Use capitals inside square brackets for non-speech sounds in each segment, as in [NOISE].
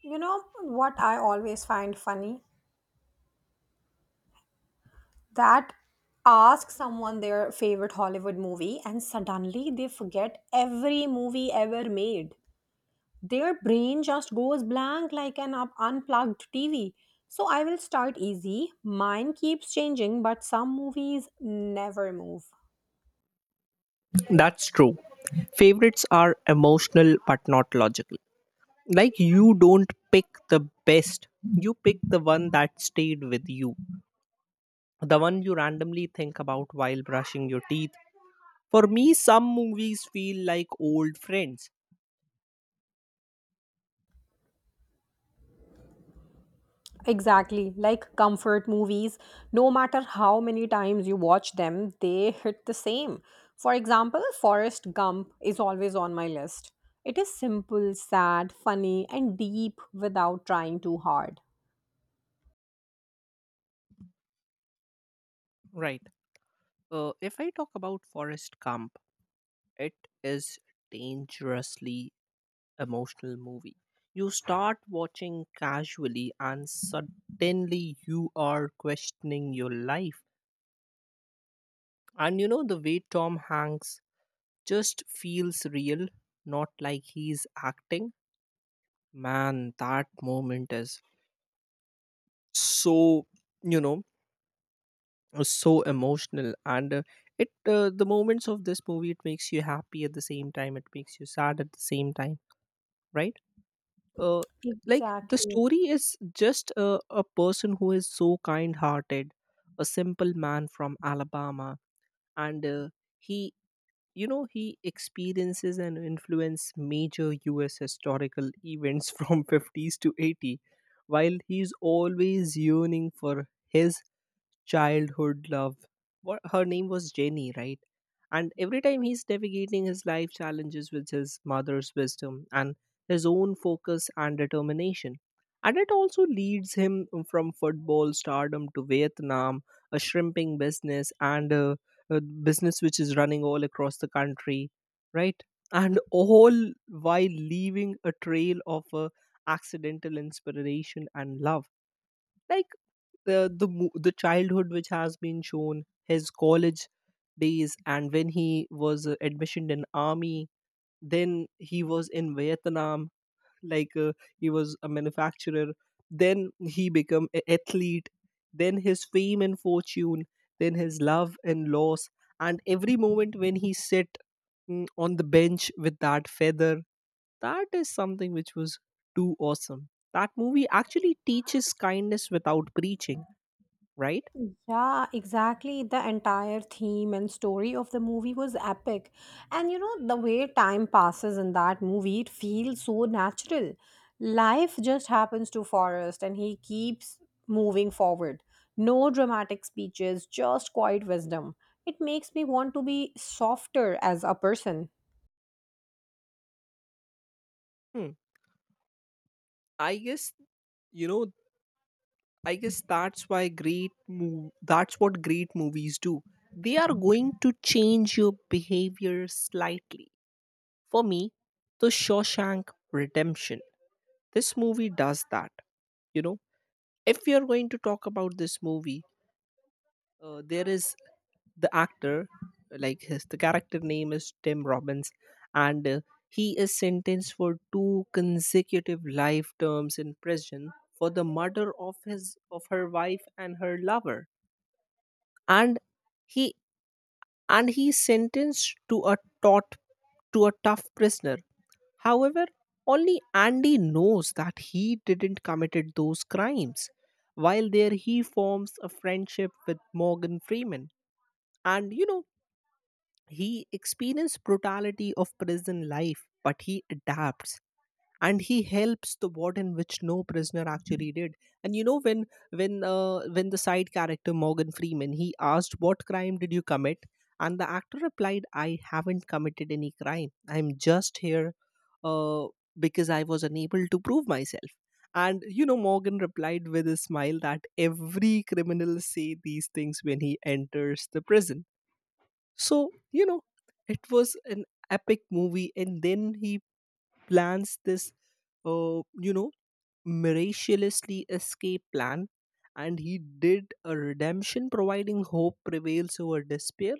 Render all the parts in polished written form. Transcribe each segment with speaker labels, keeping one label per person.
Speaker 1: You know what I always find funny? That ask someone their favorite Hollywood movie and suddenly they forget every movie ever made. Their brain just goes blank like an unplugged TV. So I will start easy. Mine keeps changing, but some movies never move.
Speaker 2: That's true. Favorites are emotional but not logical. Like you don't pick the best, you pick the one that stayed with you, the one you randomly think about while brushing your teeth. For me, some movies feel like old friends.
Speaker 1: Exactly, like comfort movies, no matter how many times you watch them, they hit the same. For example, Forrest Gump is always on my list. It is simple, sad, funny, and deep without trying too hard.
Speaker 2: Right. If I talk about Forrest Gump, it is dangerously emotional movie. You start watching casually and suddenly you are questioning your life. And the way Tom Hanks just feels real, not like he's acting. Man, that moment is so, you know, so emotional. The moments of this movie, it makes you happy at the same time, it makes you sad at the same time, right? Uh, like the
Speaker 1: Exactly.
Speaker 2: story is just a person who is so kind hearted, a simple man from Alabama. And he you know he experiences and influences major us historical events [LAUGHS] from 50s to 80, while he's always yearning for his childhood love. What, her name was Jenny, right? And every time he's navigating his life challenges with his mother's wisdom and his own focus and determination. And it also leads him from football stardom to Vietnam, a shrimping business, and a business which is running all across the country, right? And all while leaving a trail of accidental inspiration and love. Like, the childhood which has been shown, his college days, and when he was admissioned in army, then he was in Vietnam. like uh, he was a manufacturer, then he become an athlete, then his fame and fortune, then his love and loss. And every moment when he sit, on the bench with that feather, that is something which was too awesome. That movie actually teaches kindness without preaching, right?
Speaker 1: Yeah, exactly. The entire theme and story of the movie was epic. And you know, the way time passes in that movie, it feels so natural. Life just happens to Forrest and he keeps moving forward. No dramatic speeches, just quiet wisdom. It makes me want to be softer as a person.
Speaker 2: Hmm. I guess you know. I guess that's why that's what great movies do. They are going to change your behavior slightly. For me, The Shawshank Redemption. This movie does that. You know, if we are going to talk about this movie, there is the actor, like his the character name is Tim Robbins. And He is sentenced for two consecutive life terms in prison for the murder of his of her wife and her lover. And he and he's sentenced to a taut to a tough prisoner. However, only Andy knows that he didn't committed those crimes. While there, he forms a friendship with Morgan Freeman. And you know, he experiences brutality of prison life, but he adapts and he helps the warden which no prisoner actually did. And you know, when the side character Morgan Freeman, he asked, what crime did you commit? And the actor replied, I haven't committed any crime, I'm just here uh, because I was unable to prove myself. And you know, Morgan replied with a smile that every criminal say these things when he enters the prison. So you know, it was an epic movie, and then he plans this uh, you know, miraculously escape plan, and he did a redemption, providing hope prevails over despair.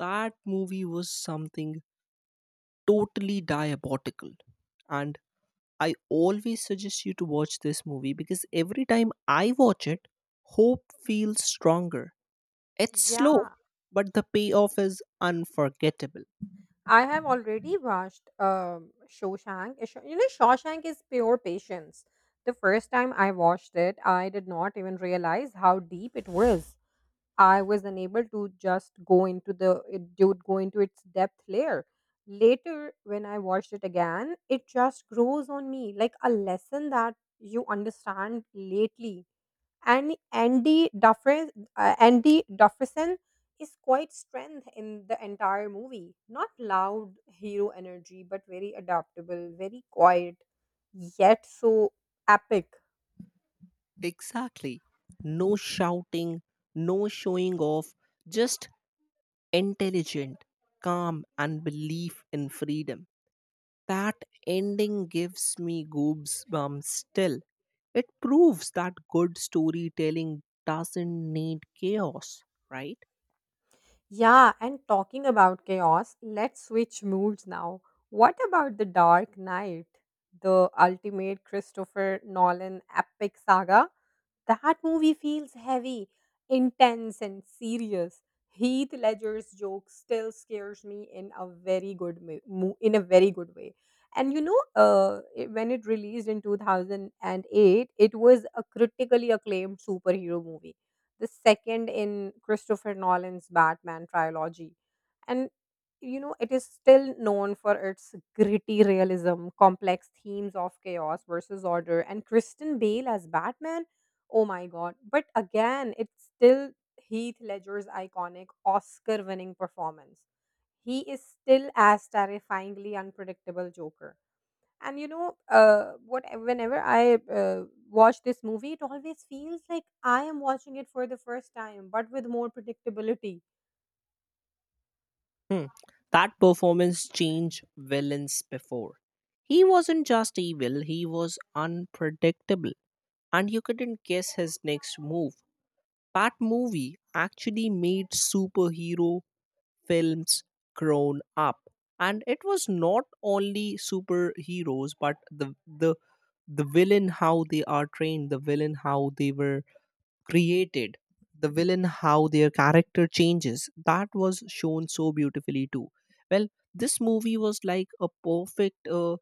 Speaker 2: That movie was something totally diabolical, and I always suggest you to watch this movie because every time I watch it, hope feels stronger. It's slow,
Speaker 1: Yeah,
Speaker 2: but the payoff is unforgettable.
Speaker 1: I have already watched Shawshank. You know, Shawshank is pure patience. The first time I watched it, I did not even realize how deep it was. I was unable to just go into the it dude go into its depth layer. Later, when I watched it again, it just grows on me like a lesson that you understand lately and Andy Dufresne, Andy Dufresne is quite strength in the entire movie. Not loud hero energy, but very adaptable, very quiet, yet so epic.
Speaker 2: Exactly. No shouting, no showing off, just intelligent, calm, and belief in freedom. That ending gives me goosebumps still. It proves that good storytelling doesn't need chaos, right?
Speaker 1: Yeah, and talking about chaos, let's switch moods now. What about The Dark Knight, the ultimate Christopher Nolan epic saga? That movie feels heavy, intense, and serious. Heath Ledger's joke still scares me in a very good in a very good way. And you know, when it released in 2008, it was a critically acclaimed superhero movie, the second in Christopher Nolan's Batman trilogy. And you know, it is still known for its gritty realism, complex themes of chaos versus order, and Kristen Bale as Batman. Oh my god. But again, it's still Heath Ledger's iconic Oscar winning performance. He is still as terrifyingly unpredictable Joker. And you know, what whenever I watch this movie, it always feels like I am watching it for the first time, but with more predictability.
Speaker 2: Hmm. That performance changed villains before. He wasn't just evil, he was unpredictable, and you couldn't guess his next move. That movie actually made superhero films grown up, and it was not only superheroes but the the villain how they are trained, the villain how they were created, the villain how their character changes, that was shown so beautifully too. Well, this movie was like a perfect uh,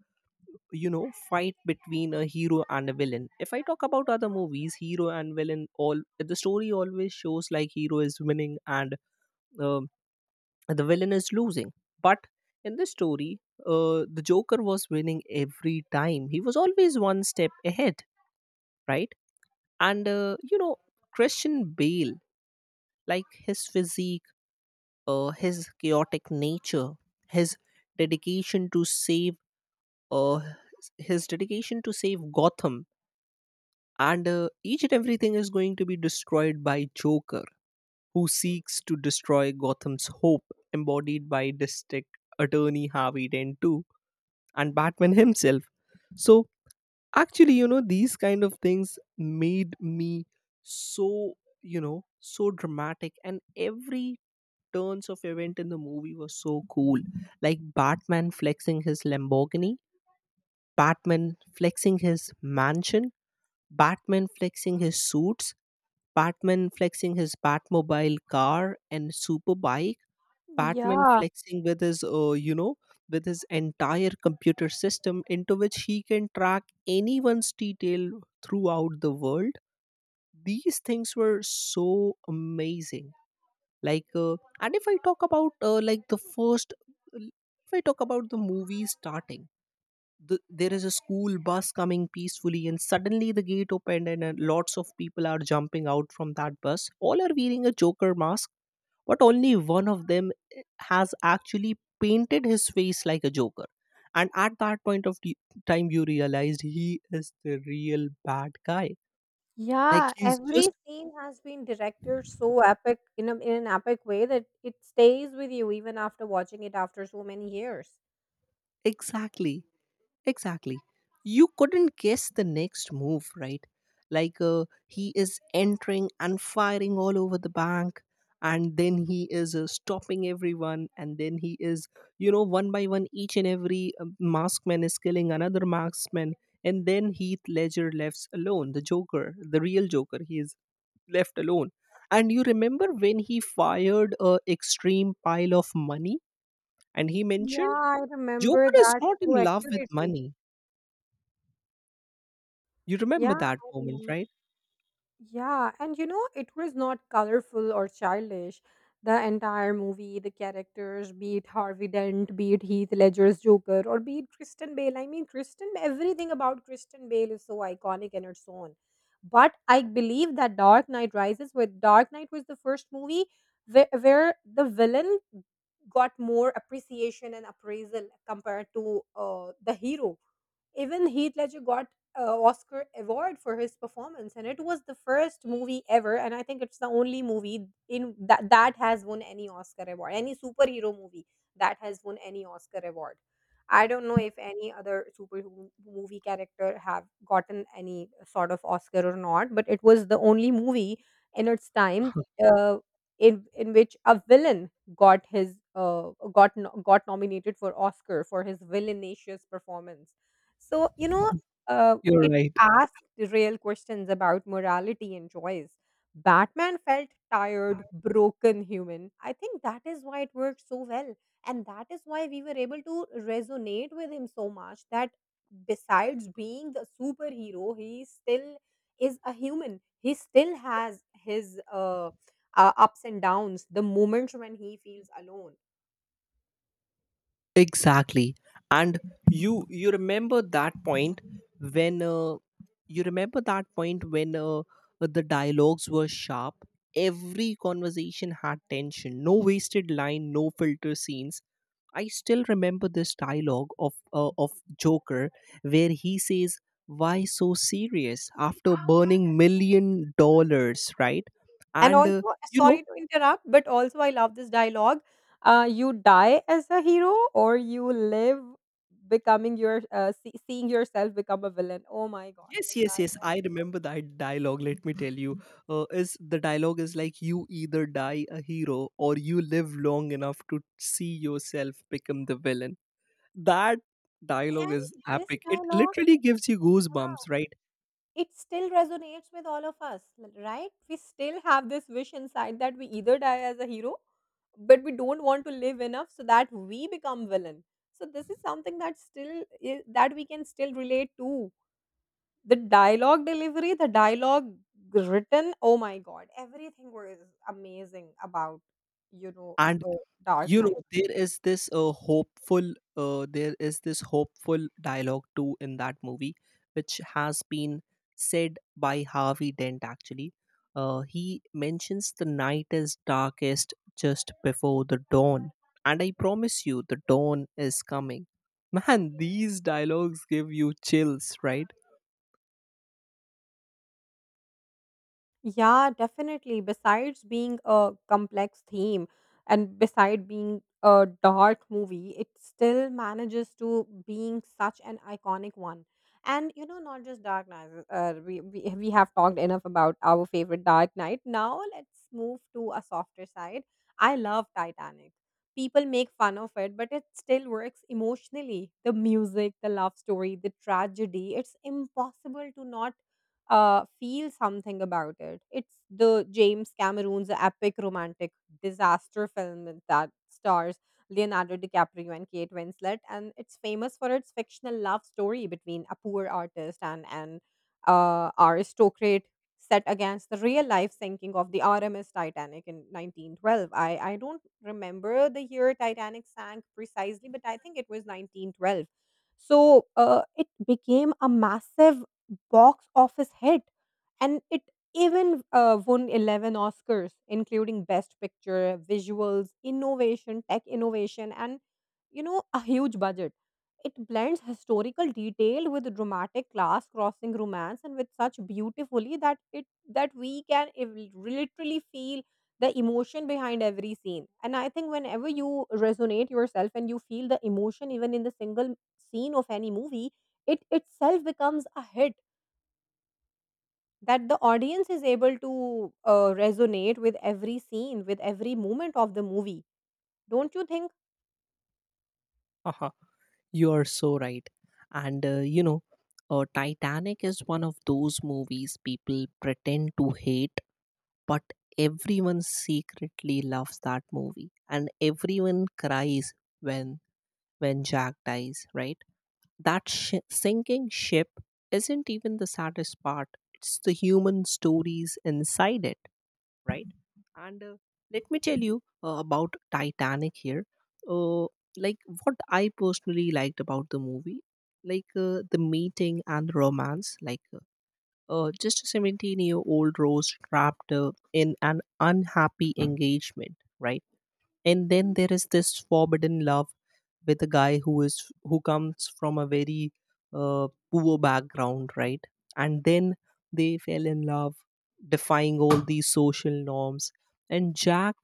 Speaker 2: you know fight between a hero and a villain. If I talk about other movies, hero and villain, all the story always shows like hero is winning and uh, the villain is losing. But in the story, the Joker was winning every time. He was always one step ahead, right? And Christian Bale, like his physique, his chaotic nature, his dedication to save, uh, his dedication to save Gotham, and each and everything is going to be destroyed by Joker, who seeks to destroy Gotham's hope, embodied by District Attorney Harvey Dent too, and Batman himself. So actually, you know, these kind of things made me so, so dramatic, and every turns of event in the movie was so cool. Like Batman flexing his Lamborghini, Batman flexing his mansion, Batman flexing his suits, Batman flexing his Batmobile car and superbike, Batman
Speaker 1: Yeah,
Speaker 2: flexing with his, with his entire computer system into which he can track anyone's detail throughout the world. These things were so amazing. Like, and if I talk about like the first, If I talk about the movie starting, there is a school bus coming peacefully, and suddenly the gate opened, and lots of people are jumping out from that bus. All are wearing a Joker mask, but only one of them has actually painted his face like a Joker, and at that time you realized he is the real bad guy. Like
Speaker 1: yeah.
Speaker 2: he's
Speaker 1: Every
Speaker 2: just
Speaker 1: [LAUGHS] scene has been directed so epic in an epic way that it stays with you even after watching it after so many years.
Speaker 2: exactly Exactly. You couldn't guess the next move, right? He is entering and firing all over the bank, and then he is stopping everyone, and then he is, you know, one by one, each and every maskman is killing another marksman, and then Heath Ledger left alone. The Joker, the real Joker, he is left alone. And you remember when he fired a extreme pile of money, and he
Speaker 1: Yeah,
Speaker 2: mentioned,
Speaker 1: I remember
Speaker 2: Joker is
Speaker 1: that
Speaker 2: not
Speaker 1: so
Speaker 2: in love with
Speaker 1: accurately.
Speaker 2: money. You remember
Speaker 1: Yeah,
Speaker 2: that
Speaker 1: I
Speaker 2: moment,
Speaker 1: remember.
Speaker 2: right?
Speaker 1: Yeah, and you know, it was not colorful or childish. The entire movie, the characters, be it Harvey Dent, be it Heath Ledger's Joker, or be it Kristen Bale. I mean, Kristen, everything about Kristen Bale is so iconic in its own. But I believe that Dark Knight Rises, with Dark Knight was the first movie where the villain got more appreciation and appraisal compared to the hero. Even Heath Ledger got a Oscar award for his performance, and it was the first movie ever, and I think it's the only movie in that has won any Oscar award, any superhero movie that has won any Oscar award. I don't know if any other super movie character have gotten any sort of Oscar or not, but it was the only movie in its time
Speaker 2: [LAUGHS]
Speaker 1: uh, in which a villain got his got no- got nominated for Oscar for his villainous performance. So, you know,
Speaker 2: You're
Speaker 1: it
Speaker 2: right.
Speaker 1: asked real questions about morality and choice. Batman felt tired, broken human. I think that is why it worked so well. And that is why we were able to resonate with him so much that besides being the superhero, he still is a human. He still has his ups and downs, the moments when he feels alone.
Speaker 2: Exactly. And you remember that point when uh, when the dialogues were sharp. Every conversation had tension. No wasted line. No filter scenes. I still remember this dialogue of Joker where he says, "Why so serious after burning million dollars?" Right,
Speaker 1: And
Speaker 2: and uh,
Speaker 1: also,
Speaker 2: you know,
Speaker 1: sorry to interrupt, but also I love this dialogue. You die as a hero, or you live becoming your seeing yourself become a villain. Oh my god,
Speaker 2: yes,
Speaker 1: the
Speaker 2: yes, yes. I remember that dialogue. Let me tell you, is the dialogue is like you either die a hero or you live long enough to see yourself become the villain. That
Speaker 1: dialogue.
Speaker 2: dialogue is
Speaker 1: And this
Speaker 2: epic. It
Speaker 1: dialogue,
Speaker 2: literally gives you goosebumps,
Speaker 1: yeah,
Speaker 2: right?
Speaker 1: it still resonates with all of us, right? We still have this wish inside that we either die as a hero, but we don't want to live enough so that we become villain. So this is something that that we can still relate to. The dialogue delivery, the dialogue written, oh my god, everything was amazing about, you know,
Speaker 2: And
Speaker 1: Dark
Speaker 2: you
Speaker 1: Knight.
Speaker 2: know, there is this hopeful there is this hopeful dialogue too in that movie which has been said by Harvey Dent actually. He mentions, the night is darkest just before the dawn, and I promise you the dawn is coming. [LAUGHS] Man, these dialogues give you chills, right?
Speaker 1: Yeah, definitely. Besides being a complex theme and beside being a dark movie, it still manages to being such an iconic one. And you know, not just Dark Knight. We have talked enough about our favorite Dark Knight. Now let's move to a softer side. I love Titanic. People make fun of it, but it still works emotionally. The music, the love story, the tragedy. It's impossible to not feel something about it. It's the James Cameron's epic romantic disaster film that stars Leonardo DiCaprio and Kate Winslet, and it's famous for its fictional love story between a poor artist and an aristocrat set against the real life sinking of the RMS Titanic in 1912. I don't remember the year Titanic sank precisely, but I think it was 1912. So it became a massive box office hit, and it even won 11 Oscars, including Best Picture, visuals, innovation, tech innovation, and you know, a huge budget. It blends historical detail with dramatic class crossing romance and with such beautifully that it that we can literally feel the emotion behind every scene. And I think whenever you resonate yourself and you feel the emotion even in the single scene of any movie, it itself becomes a hit that the audience is able to resonate with every scene, with every moment of the movie. Don't you think?
Speaker 2: Uh you are so right. and you know Titanic is one of those movies people pretend to hate, but everyone secretly loves that movie, and everyone cries when Jack dies, right? Sinking ship isn't even the saddest part. It's the human stories inside it, right? and Let me tell you about Titanic here. Uh, like what I personally liked about the movie, the meeting and romance, just a 17-year-old Rose trapped in an unhappy engagement, right? And then there is this forbidden love with a guy who is who comes from a very poor background, right? And then they fell in love, defying all these social norms. And Jack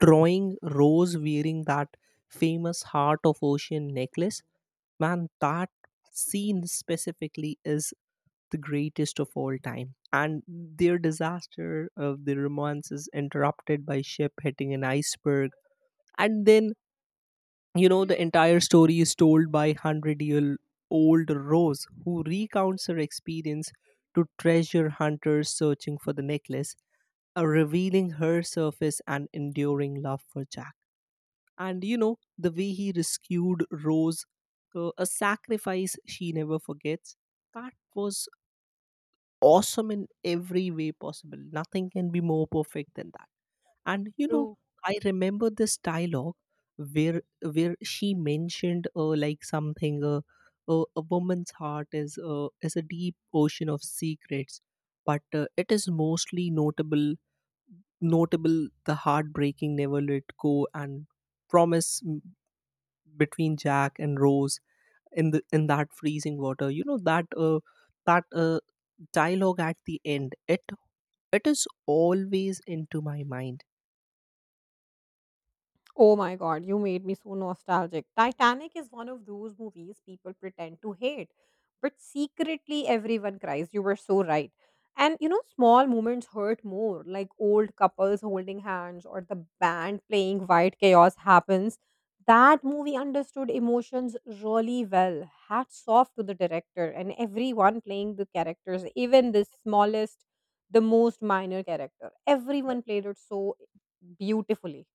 Speaker 2: drawing Rose wearing that famous heart of ocean necklace, man, that scene specifically is the greatest of all time. And their disaster of the romance is interrupted by ship hitting an iceberg. And then, you know, the entire story is told by 100 year old Rose, who recounts her experience to treasure hunters searching for the necklace, revealing her surface and enduring love for Jack. And, you know, the way he rescued Rose, a sacrifice she never forgets, that was awesome in every way possible. Nothing can be more perfect than that. And you know,
Speaker 1: True.
Speaker 2: I remember this dialogue where she mentioned like something a woman's heart is a deep ocean of secrets, but it is mostly notable the heartbreaking never let go and promise m- between Jack and Rose in the in that freezing water. You know that that uh, dialogue at the end, it is always into my mind.
Speaker 1: Oh my god, you made me so nostalgic. Titanic is one of those movies people pretend to hate, but secretly everyone cries. You were so right. And you know, small moments hurt more, like old couples holding hands or the band playing White Chaos happens. That movie understood emotions really well. Hats off to the director and everyone playing the characters, even the smallest, the most minor character. Everyone played it so beautifully.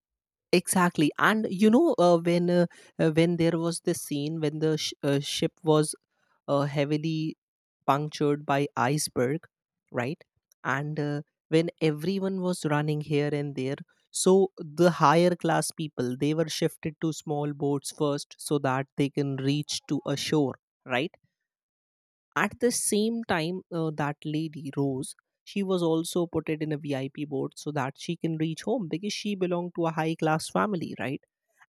Speaker 2: Exactly. And you know, when there was this scene when ship was heavily punctured by iceberg, right? And when everyone was running here and there, so the higher class people, they were shifted to small boats first so that they can reach to a shore, right? At the same time, that lady, Rose, she was also put it in a VIP board so that she can reach home because she belonged to a high class family, right?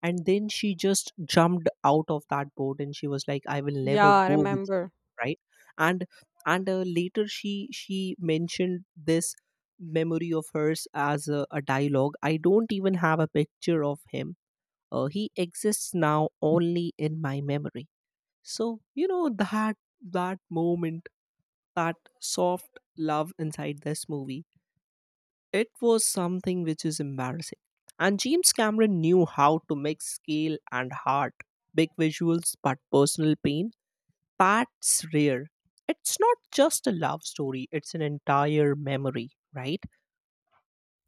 Speaker 2: And then she just jumped out of that board and she was like, I will
Speaker 1: Yeah,
Speaker 2: never
Speaker 1: I
Speaker 2: go with you,
Speaker 1: remember.
Speaker 2: right? And later she mentioned this memory of hers as a dialogue. I don't even have a picture of him. He exists now only in my memory. So you know, that moment, that soft love inside this movie, it was something which is embarrassing. And James Cameron knew how to mix scale and heart, big visuals but personal pain. That's rare. It's not just a love story, it's an entire memory, right?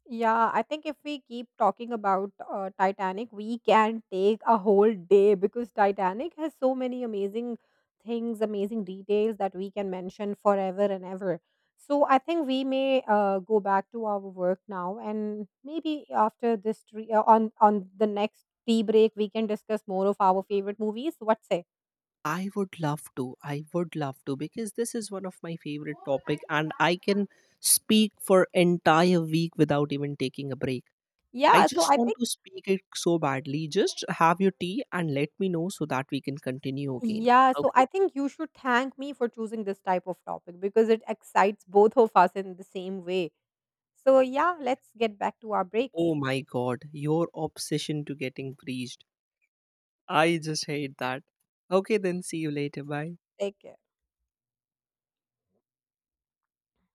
Speaker 1: Yeah, I think if we keep talking about Titanic, we can take a whole day because Titanic has so many amazing things, amazing details that we can mention forever and ever. So I think we may go back to our work now, and maybe after this on the next tea break, we can discuss more of our favorite movies. What say?
Speaker 2: I would love to. I would love to because this is one of my favorite topic, and I can speak for entire week without even taking a break. I
Speaker 1: Yeah, so
Speaker 2: just
Speaker 1: I
Speaker 2: want
Speaker 1: think
Speaker 2: to speak it so badly. Just have your tea and let me know so that we can continue again.
Speaker 1: Yeah, so
Speaker 2: Okay?
Speaker 1: I think you should thank me for choosing this type of topic because it excites both of us in the same way. So, yeah, let's get back to our
Speaker 2: Oh
Speaker 1: breaks.
Speaker 2: my god, your obsession to getting breached. I just hate that. Okay, then see you later. Bye.
Speaker 1: Take care.